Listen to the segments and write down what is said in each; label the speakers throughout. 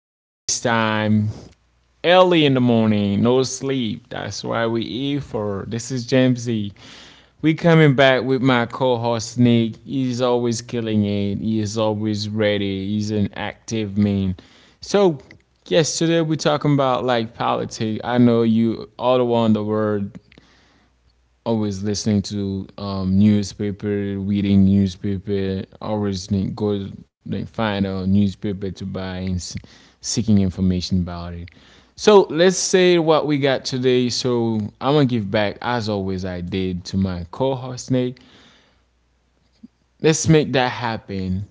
Speaker 1: at this time. Early in the morning, no sleep. That's why we eat for. This is James Z. We coming back with my co-host Nick. He's always killing it. He is always ready. He's an active man. So yes, today we're talking about like politics. I know you all the one in the word always listening to newspaper, reading newspaper, go like, find a newspaper to buy and seeking information about it. So let's say what we got today. So I'm gonna give back as always I did to my co-host Nate. Let's make that happen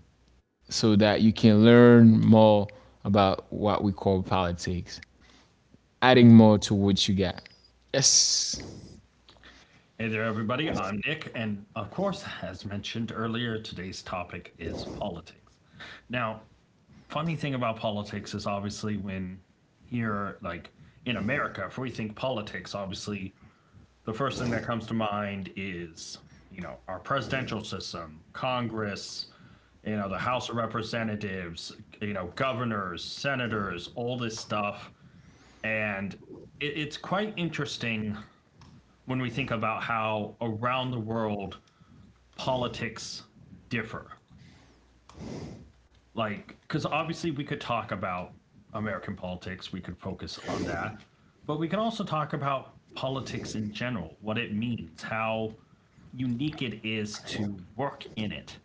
Speaker 1: so that you can learn more about what we call politics, adding more to what you got. Yes,
Speaker 2: Hey there, everybody. I'm Nick, and of course, as mentioned earlier, today's topic is politics. Now, funny thing about politics is obviously when here, like in America, if we think politics, obviously the first thing that comes to mind is, our presidential system, Congress, the House of Representatives, governors, senators, all this stuff. And it's quite interesting when we think about how around the world politics differ. Like, because obviously we could talk about American politics, we could focus on that, but we can also talk about politics in general, what it means, how unique it is to work in it.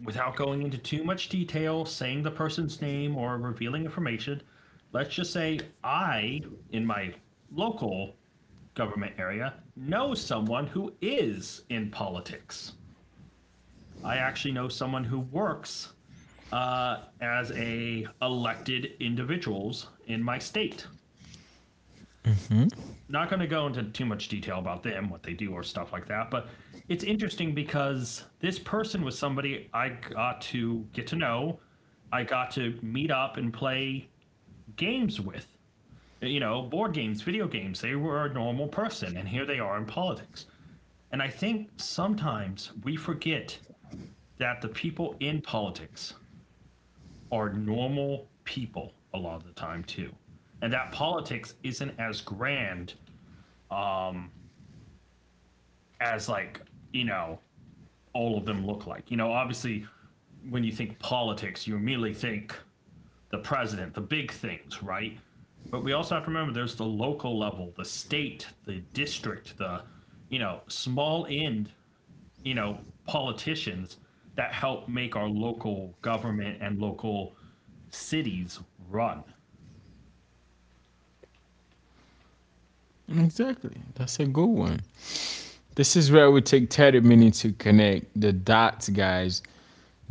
Speaker 2: Without going into too much detail, saying the person's name or revealing information, let's just say I, in my local government area, know someone who is in politics. I actually know someone who works as a elected individuals in my state. Not going to go into too much detail about them, what they do, or stuff like that. But it's interesting because this person was somebody I got to get to know. I got to meet up and play games with, you know, board games, video games. They were a normal person, and here they are in politics. And I think sometimes we forget that the people in politics are normal people a lot of the time too. And that politics isn't as grand as like, you know, all of them look like. You know, obviously when you think politics, you immediately think the president, the big things, right? But we also have to remember there's the local level, the state, the district, the small end, you know, politicians that help make our local government and local cities run.
Speaker 1: exactly. That's a good one. This is where it would take Ted minutes to connect the dots, guys,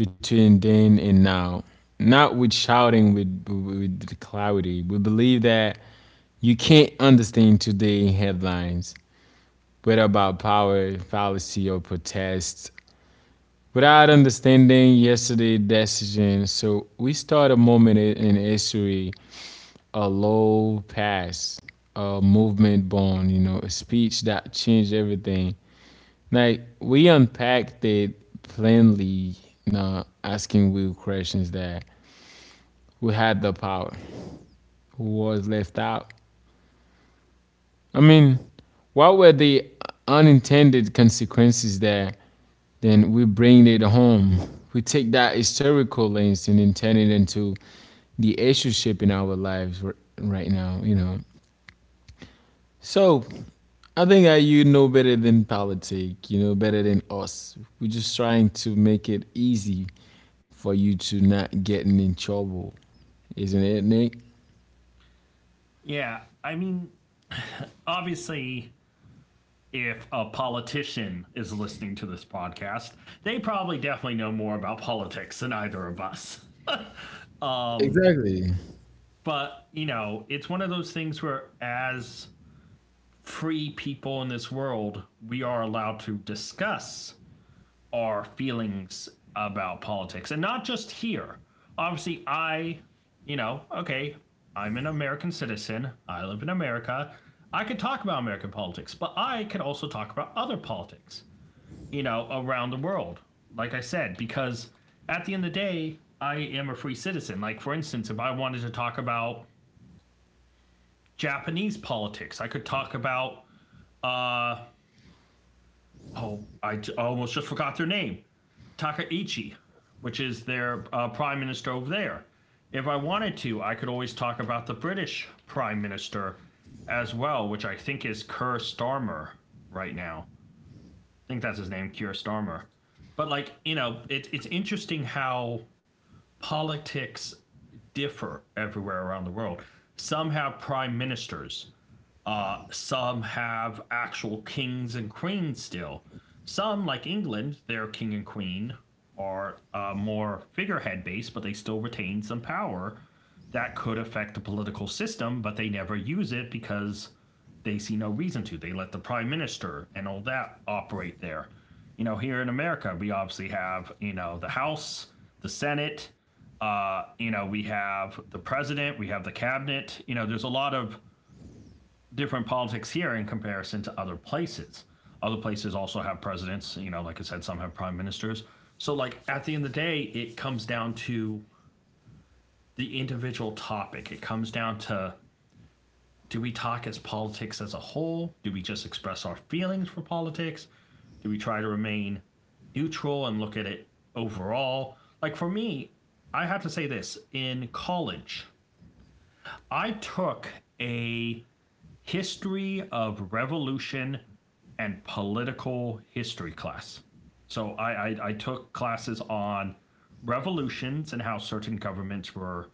Speaker 1: between then and now. Not with shouting with the clarity. We believe that you can't understand today's headlines, whether about power, fallacy, or protest, without understanding yesterday's decision. So we start a moment in history, a low pass, a movement born, you know, a speech that changed everything. Like we unpacked it plainly, you know, asking real questions that who had the power, who was left out. I mean, what were the unintended consequences there? Then we bring it home. We take that historical lens and intend it into the issue shaping our lives right now, you know. So I think that you know better than politics. You know better than us. We're just trying to make it easy for you to not getting in trouble, isn't it, Nick?
Speaker 2: Yeah, I mean, obviously, if a politician is listening to this podcast, they probably definitely know more about politics than either of us.
Speaker 1: Exactly.
Speaker 2: But, you know, it's one of those things where, as free people in this world, we are allowed to discuss our feelings about politics and not just here. Obviously, I, you know, okay, I'm an American citizen, I live in America. I could talk about American politics, but I could also talk about other politics, you know, around the world. Like I said, because at the end of the day, I am a free citizen. Like, for instance, if I wanted to talk about Japanese politics, I could talk about, uh, oh, I almost just forgot their name Takaichi, which is their prime minister over there. If I wanted to, I could always talk about the British prime minister as well, which I think is Keir Starmer right now. I think that's his name, Keir Starmer. But like you know, it's interesting how politics differ everywhere around the world. Some have prime ministers some have actual kings and queens still. Some, like England, their king and queen are more figurehead based, but they still retain some power that could affect the political system, but they never use it because they see no reason to. They let the prime minister and all that operate there. You know, here in America, we obviously have, you know, the House, the Senate, you know, we have the president, we have the cabinet. You know, there's a lot of different politics here in comparison to other places. Other places also have presidents, you know, like I said, some have prime ministers. So, like, at the end of the day, it comes down to the individual topic. It comes down to, do we talk as politics as a whole? Do we just express our feelings for politics? Do we try to remain neutral and look at it overall? Like, for me, I have to say this in college, I took a History of Revolution and Political History class. So I took classes on revolutions and how certain governments were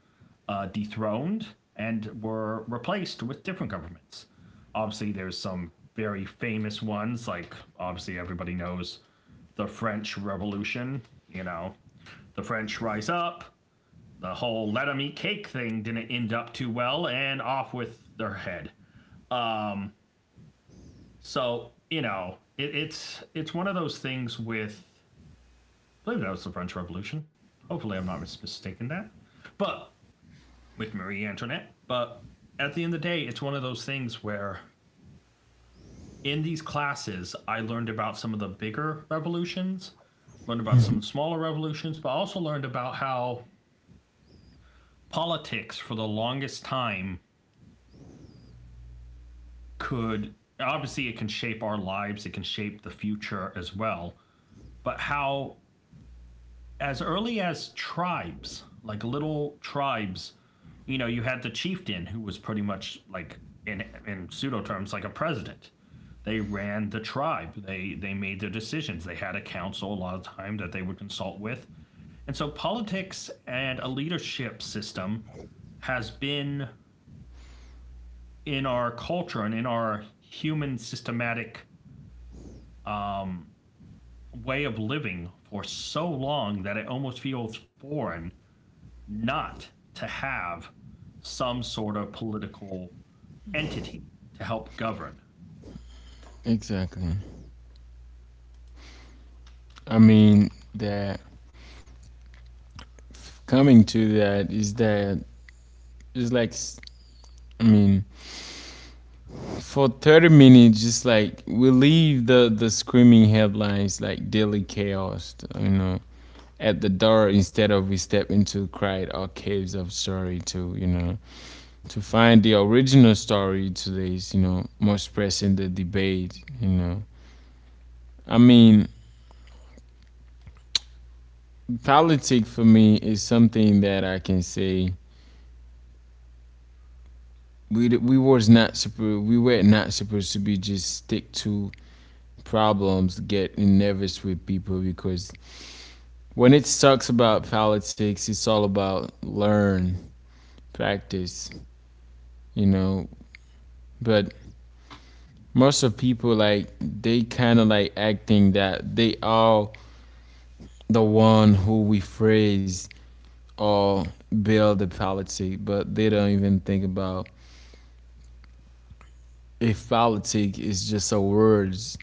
Speaker 2: dethroned and were replaced with different governments. Obviously, there's some very famous ones, like obviously everybody knows the French Revolution, you know, the French rise up, the whole let 'em eat cake thing didn't end up too well, and off with their head. Um, so you know, it's one of those things with. I believe that was the French Revolution. Hopefully, I'm not mistaken that. But with Marie Antoinette. But at the end of the day, it's one of those things where in these classes, I learned about some of the bigger revolutions, learned about some smaller revolutions, but also learned about how politics for the longest time could, obviously it can shape our lives, it can shape the future as well, but how as early as tribes, like little tribes, you know, you had the chieftain who was pretty much like in pseudo terms like a president. They ran the tribe. They made their decisions. They had a council a lot of time that they would consult with. And so politics and a leadership system has been in our culture and in our human systematic um, way of living for so long that it almost feels foreign not to have some sort of political entity to help govern.
Speaker 1: Exactly. I mean that coming to that is that it's like s- I mean for 30 minutes just like we leave the screaming headlines like daily chaos, you know, at the door instead of we step into the crowd or caves of story to, you know, to find the original story today is, you know, more pressing the debate, you know. I mean, politics for me is something that I can say we d- we was not super we were not supposed to be just stick to problems, get nervous with people because when it talks about politics, it's all about learn, practice, you know. But most of people like they kind of like acting that they all the one who we praise or build the politic, but they don't even think about if politic is just a words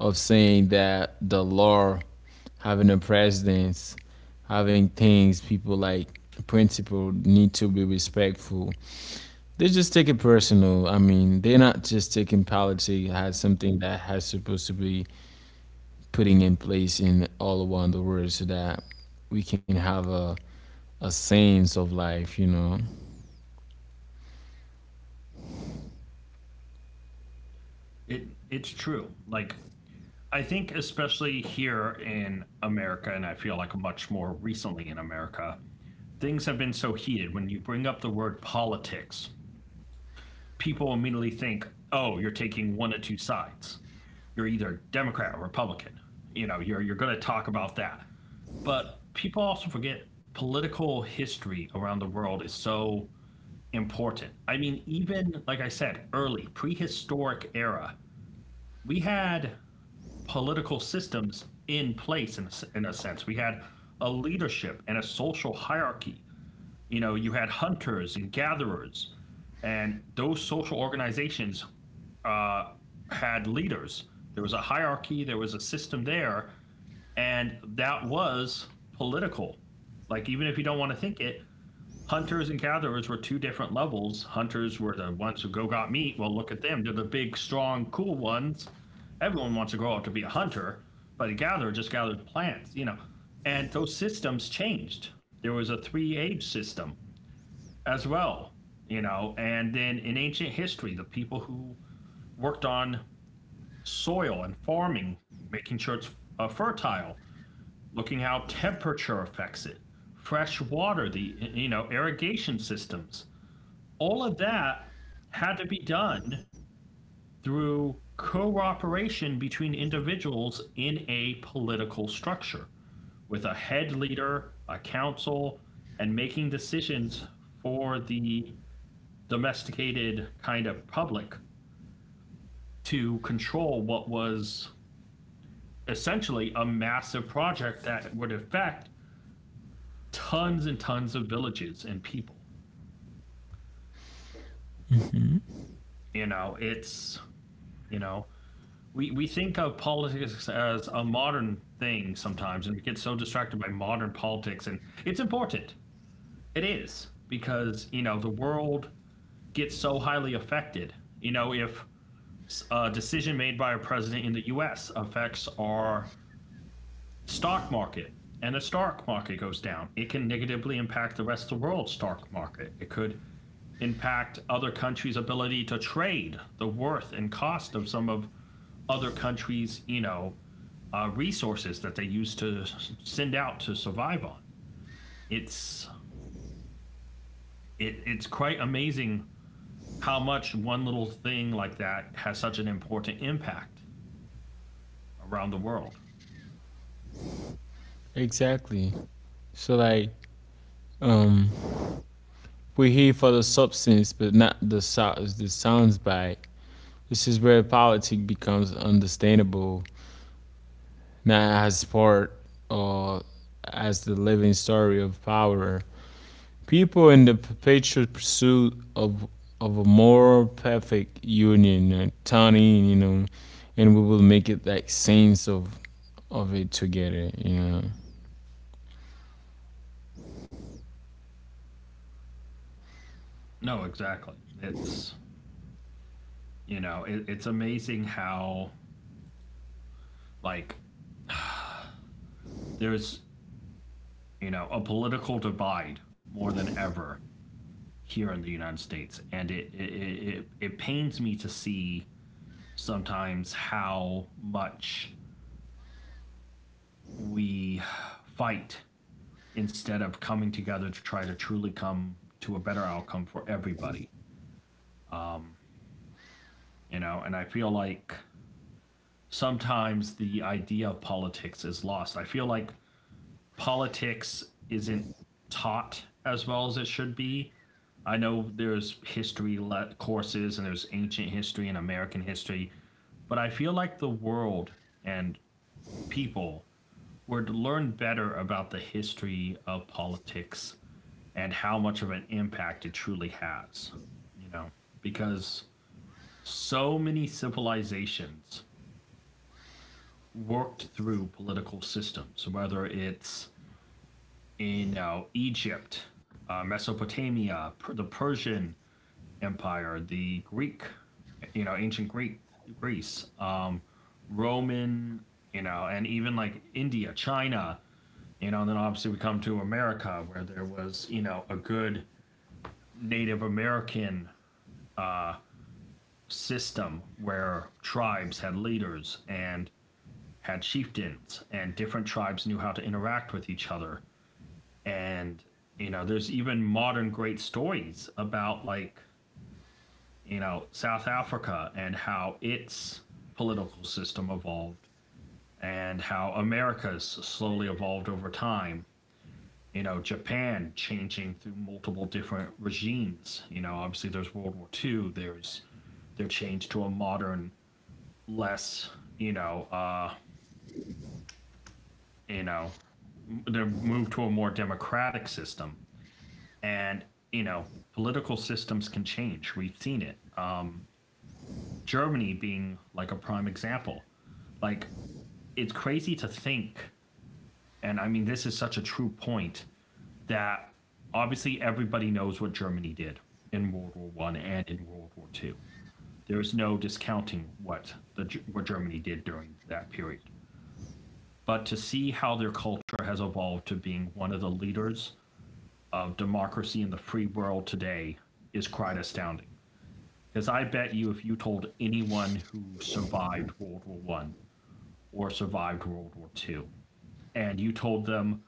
Speaker 1: of saying that the law, having a presidents, having things people like principle need to be respectful. They just take it personal. I mean, they're not just taking politics as something that has supposed to be putting in place in all around the world so that we can have a scenes of life, you know.
Speaker 2: It's true. Like I think especially here in America and I feel like much more recently in America, things have been so heated when you bring up the word politics, people immediately think, "Oh, you're taking one or two sides. You're either Democrat or Republican." You know, you're going to talk about that. But people also forget political history around the world is so important. I mean, even like I said, early prehistoric era, we had political systems in place in a sense. We had a leadership and a social hierarchy. You know, you had hunters and gatherers, and those social organizations uh, had leaders. There was a hierarchy, there was a system there, and that was political. Like, even if you don't want to think it, hunters and gatherers were two different levels. Hunters were the ones who go got meat. Well, look at them. They're the big, strong, cool ones. Everyone wants to grow up to be a hunter, but a gatherer just gathered plants, you know. And those systems changed. There was a three age system as well, you know. And then in ancient history, the people who worked on soil and farming, making sure it's fertile, looking how temperature affects it, fresh water, the you know irrigation systems, all of that had to be done through cooperation between individuals in a political structure with a head leader, a council, and making decisions for the domesticated kind of public to control what was essentially a massive project that would affect tons and tons of villages and people. You know, it's, you know, we think of politics as a modern thing sometimes, and we get so distracted by modern politics. And it's important. It is because you know the world gets so highly affected. You know, if a decision made by a president in the U.S. affects our stock market, and the stock market goes down, it can negatively impact the rest of the world's stock market. It could impact other countries' ability to trade, the worth and cost of some of other countries, you know, resources that they used to send out to survive on. It's it's quite amazing how much one little thing like that has such an important impact around the world.
Speaker 1: Exactly. So like um we're here for the substance but not the sounds bite. This is where politics becomes understandable, not as part or as the living story of power. People in the perpetual pursuit of a more perfect union turn, you know, and we will make it like scenes of it together, you know.
Speaker 2: No, exactly. It's you know it's amazing how like there's you know a political divide more than ever here in the United States, and it pains me to see sometimes how much we fight instead of coming together to try to truly come to a better outcome for everybody. Um, you know, and I feel like sometimes the idea of politics is lost. I feel like politics isn't taught as well as it should be. I know there's courses and there's ancient history and American history, but I feel like the world and people were to learn better about the history of politics and how much of an impact it truly has, you know, because so many civilizations worked through political systems, whether it's, you know, Egypt, the Persian Empire, the Greek, you know, ancient Greek, Greece, Roman, you know, and even like India, China, you know, and then obviously we come to America where there was, you know, a good Native American uh, system where tribes had leaders and had chieftains and different tribes knew how to interact with each other. And you know, there's even modern great stories about, like, you know, South Africa and how its political system evolved, and how America's slowly evolved over time. You know, Japan changing through multiple different regimes. You know, obviously there's World War II, there's their change to a modern less, you know, uh, you know, to move to a more democratic system. And you know, political systems can change. We've seen it. Germany being like a prime example. Like, it's crazy to think, and I mean, this is such a true point that obviously everybody knows what Germany did in World War One and in World War Two. There is no discounting what the what Germany did during that period. But to see how their culture has evolved to being one of the leaders of democracy in the free world today is quite astounding. Because I bet you, if you told anyone who survived World War One or survived World War Two, and you told them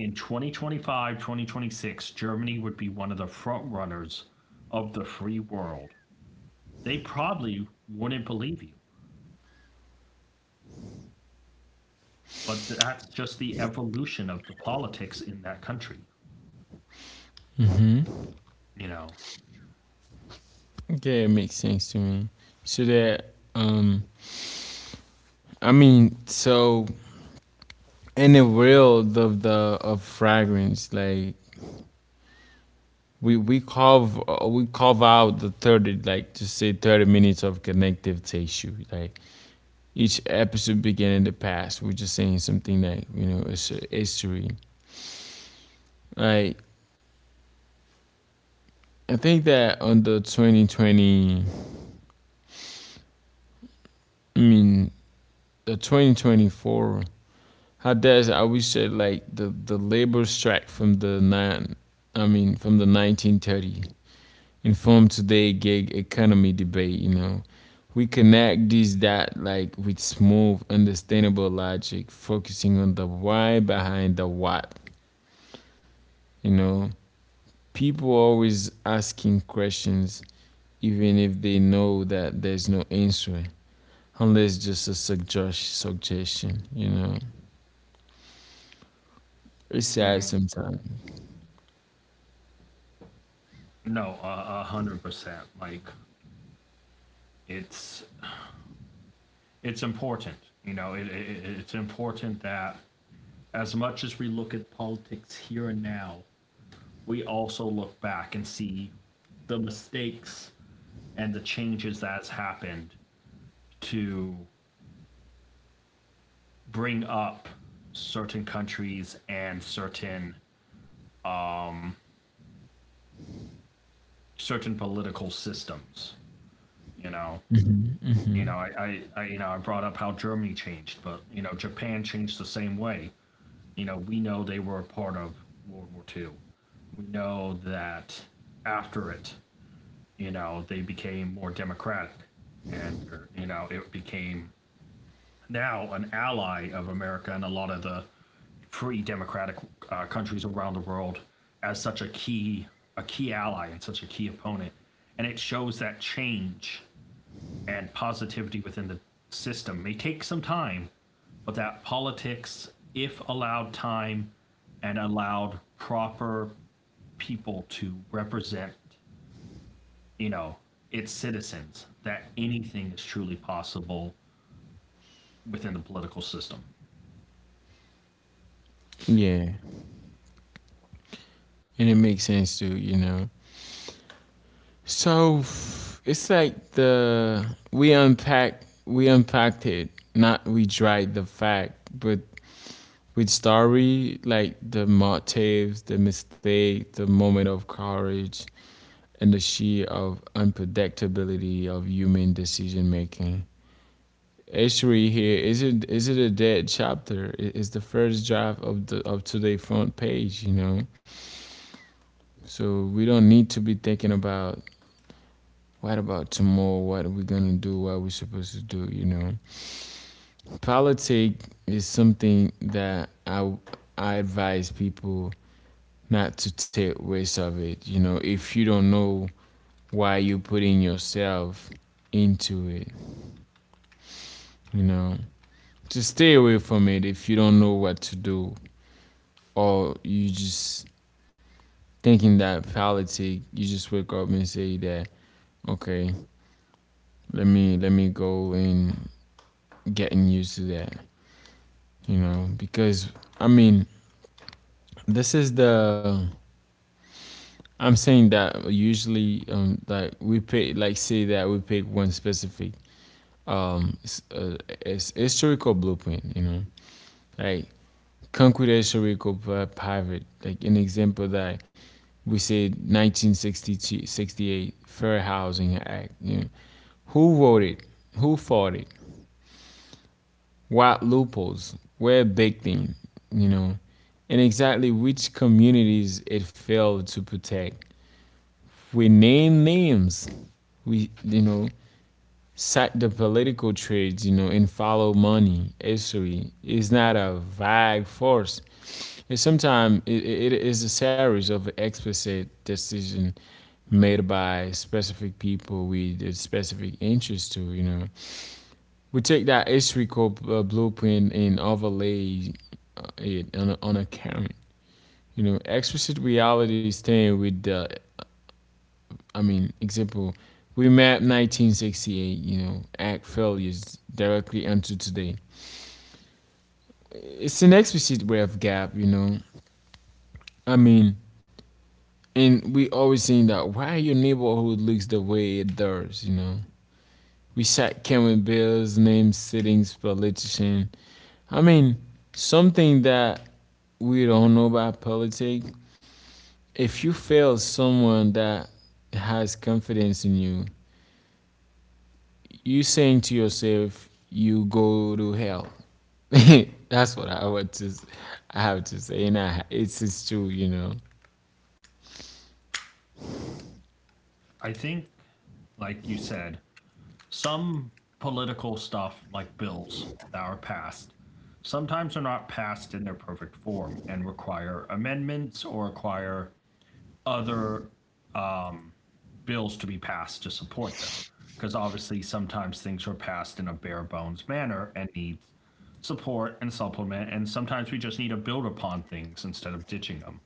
Speaker 2: in 2025, 2026, Germany would be one of the front runners of the free world, they probably wouldn't believe you. But that's just the evolution of the politics in that country, you know.
Speaker 1: Yeah, it makes sense to me. So that I mean, so in the world of the of fragrance, like we carve out the 30, like to say 30 minutes of connective tissue. Like each episode begin in the past. We're just saying something that you know it's a history. Like I think that on the 2020, I mean the 2024. How does I always said like the labor strike I mean from the 1930 informed today gig economy debate. You know, we connect these that like with smooth, understandable logic, focusing on the why behind the what. You know, people always asking questions even if they know that there's no answer, unless just a suggestion. You know, it's sad sometimes.
Speaker 2: No, 100%. Like, it's it's important. You know, it's important that as much as we look at politics here and now, we also look back and see the mistakes and the changes that's happened to bring up certain countries and certain political systems. You know,
Speaker 1: Hmm.
Speaker 2: you
Speaker 1: Hmm.
Speaker 2: know, I you know, I brought up how Germany changed, but you know Japan changed the same way. You know, we know they were a part of World War Two. We know that after it, you know, they became more democratic and, you know, it became now an ally of America and a lot of the free democratic countries around the world, as such a key, a key ally and such a key opponent. And it shows that change and positivity within the system may take some time, but that politics, if allowed time and allowed proper people to represent, you know, its citizens, that anything is truly possible within the political system.
Speaker 1: Yeah, and it makes sense too, you know. So it's like the we unpacked it, not we dried the fact, but with story like the motives, the mistake, the moment of courage, and the sheer of unpredictability of human decision making. History here is it, is it a dead chapter? It's the first draft of the of today front page, you know. So we don't need to be thinking about what about tomorrow? What are we gonna do? What are we supposed to do? You know, politics is something that I advise people not to take waste of it. You know, if you don't know why you're putting yourself into it, you know, just stay away from it if you don't know what to do or you just thinking that politics. You just wake up and say that okay, let me go and getting used to that, you know, because I mean this is the, I'm saying that usually like we pick, like say that we pick one specific um s- uh, it's historical blueprint, you know, like concrete historical private like an example that we say 1968 fair housing act, you know, who wrote it, who fought it, what loopholes were baked in, you know, and exactly which communities it failed to protect. We name names. We, you know, cite the political trades, you know, and follow money. History is not a vague force. And sometimes it is a series of explicit decisions made by specific people with a specific interest to, you know. We take that historical blueprint and overlay it on on a current, you know, explicit reality staying with the, I mean, example, we map 1968, you know, act failures directly onto today. It's an explicit way of gap, you know. I mean, and we always saying that why your neighborhood looks the way it does, you know. We sat counting bills, named sittings, politician. I mean, something that we don't know about politics. If you fail someone that has confidence in you, you saying to yourself, you go to hell. That's what I want to. I have to say, and I, it's true, you know.
Speaker 2: I think, like you said, some political stuff, like bills that are passed, sometimes are not passed in their perfect form and require amendments or require other um, bills to be passed to support them. Because obviously, sometimes things are passed in a bare bones manner and need support and supplement. And sometimes we just need to build upon things instead of ditching them.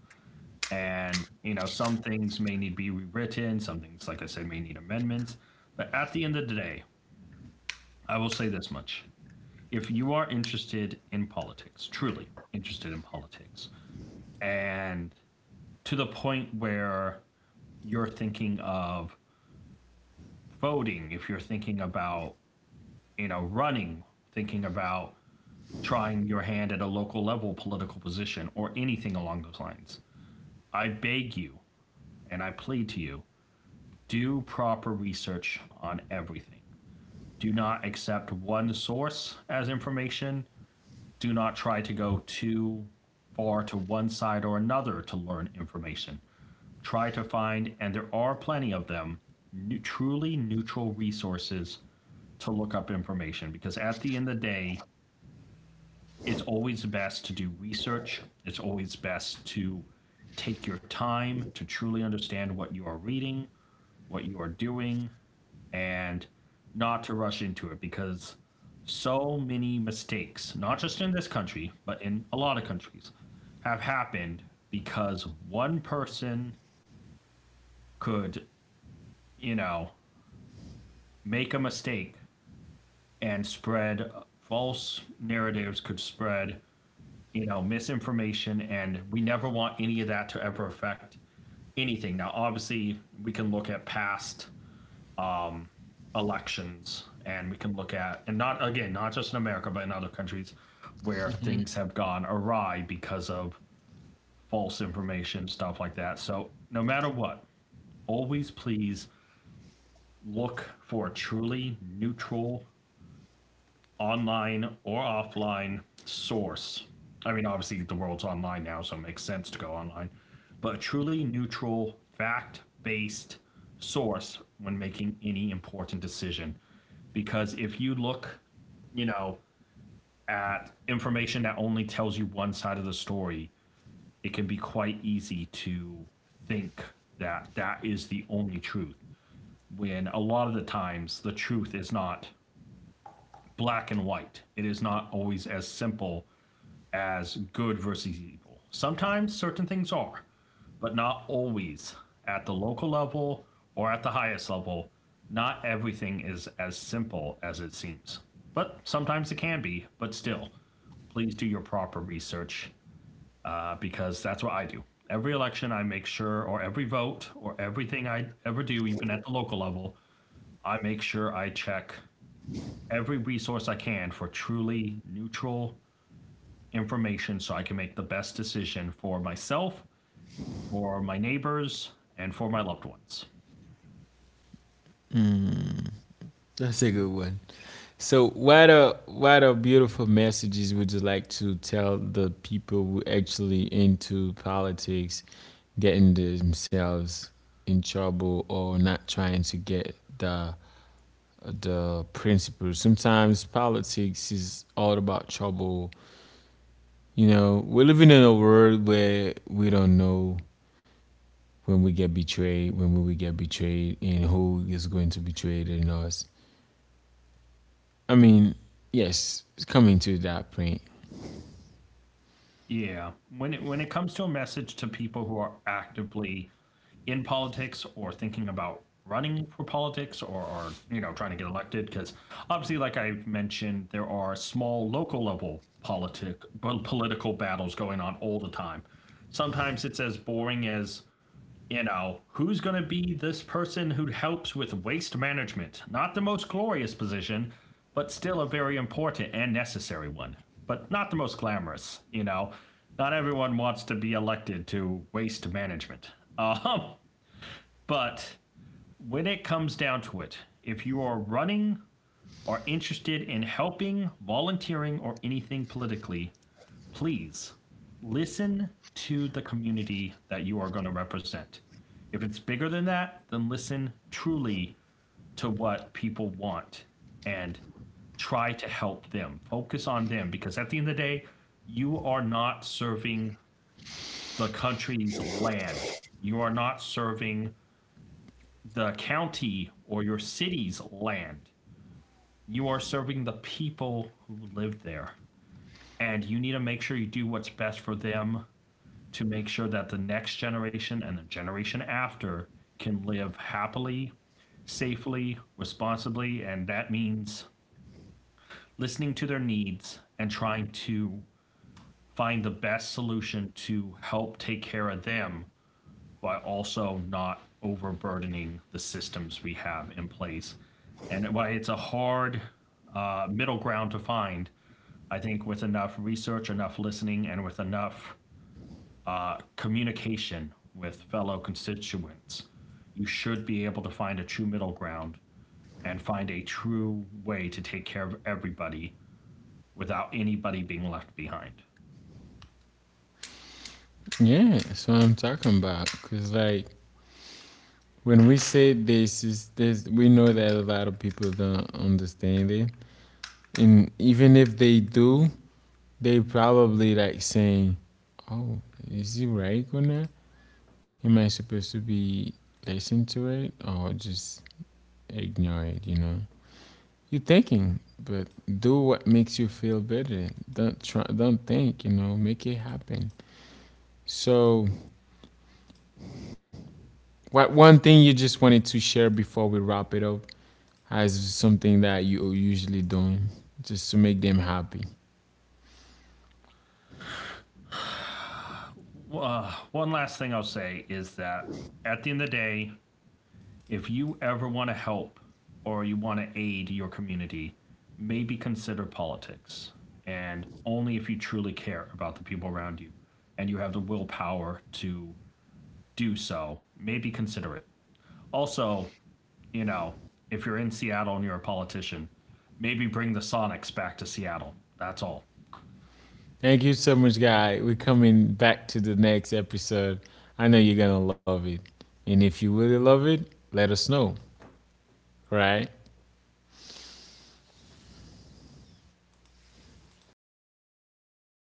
Speaker 2: And, you know, some things may need to be rewritten, some things, like I said, may need amendments. But at the end of the day, I will say this much. If you are interested in politics, truly interested in politics, and to the point where you're thinking of voting, if you're thinking about, you know, running, thinking about trying your hand at a local level political position or anything along those lines, I beg you and I plead to you, do proper research on everything. Do not accept one source as information. Do not try to go too far to one side or another to learn information. Try to find, and there are plenty of them, new, truly neutral resources to look up information, because at the end of the day, it's always best to do research. It's always best to take your time to truly understand what you are reading, what you are doing, and not to rush into it, because so many mistakes, not just in this country, but in a lot of countries, have happened because one person could, you know, make a mistake and spread false narratives, could spread, you know, misinformation, and we never want any of that to ever affect anything. Now, obviously, we can look at past elections and we can look at, and not again, not just in America, but in other countries where things have gone awry because of false information, stuff like that. So, no matter what, always please look for a truly neutral online or offline source. I mean, obviously, the world's online now, so it makes sense to go online, but a truly neutral, fact based source when making any important decision. Because if you look, you know, at information that only tells you one side of the story, it can be quite easy to think that that is the only truth. When a lot of the times the truth is not black and white, it is not always as simple as good versus evil. Sometimes certain things are, but not always. At the local level or at the highest level, not everything is as simple as it seems. But sometimes it can be, but still, please do your proper research, because that's what I do. Every election, I make sure, or every vote, or everything I ever do, even at the local level, I make sure I check every resource I can for truly neutral information so I can make the best decision for myself, for my neighbors, and for my loved ones.
Speaker 1: That's a good one. So, what are beautiful messages would you like to tell the people who actually into politics, getting themselves in trouble or not trying to get the principles? Sometimes politics is all about trouble. You know, we're living in a world where we don't know when will we get betrayed, and who is going to betray in us. I mean, yes, it's coming to that point.
Speaker 2: Yeah, when it comes to a message to people who are actively in politics or thinking about running for politics or are, you know, trying to get elected, because obviously, like I mentioned, there are small local level political battles going on all the time. Sometimes it's as boring as, you know, who's going to be this person who helps with waste management? Not the most glorious position, but still a very important and necessary one. But not the most glamorous, you know. Not everyone wants to be elected to waste management. Um, but when it comes down to it, if you are running or interested in helping, volunteering, or anything politically, please listen to the community that you are going to represent. If it's bigger than that, then listen truly to what people want and try to help them. Focus on them because at the end of the day, you are not serving the country's land. You are not serving the county or your city's land. You are serving the people who live there. And you need to make sure you do what's best for them to make sure that the next generation and the generation after can live happily, safely, responsibly, and that means listening to their needs and trying to find the best solution to help take care of them while also not overburdening the systems we have in place. And why it's a hard middle ground to find, I think with enough research, enough listening, and with enough communication with fellow constituents. You should be able to find a true middle ground and find a true way to take care of everybody without anybody being left behind.
Speaker 1: Yeah, that's what I'm talking about. Cause like when we say this is this, we know that a lot of people don't understand it, and even if they do, they probably like saying, "Oh, is he right or not? Am I supposed to be listening to it or just ignore it?" You know, you're thinking, but do what makes you feel better. Don't try, don't think. You know, make it happen. So, what one thing you just wanted to share before we wrap it up? As something that you're usually doing just to make them happy.
Speaker 2: Well, one last thing I'll say is that at the end of the day, if you ever want to help or you want to aid your community, maybe consider politics. And only if you truly care about the people around you and you have the willpower to do so, maybe consider it. Also, you know, if you're in Seattle and you're a politician, maybe bring the Sonics back to Seattle. That's all.
Speaker 1: Thank you so much, guy. We're coming back to the next episode. I know you're gonna love it. And if you really love it, let us know, right?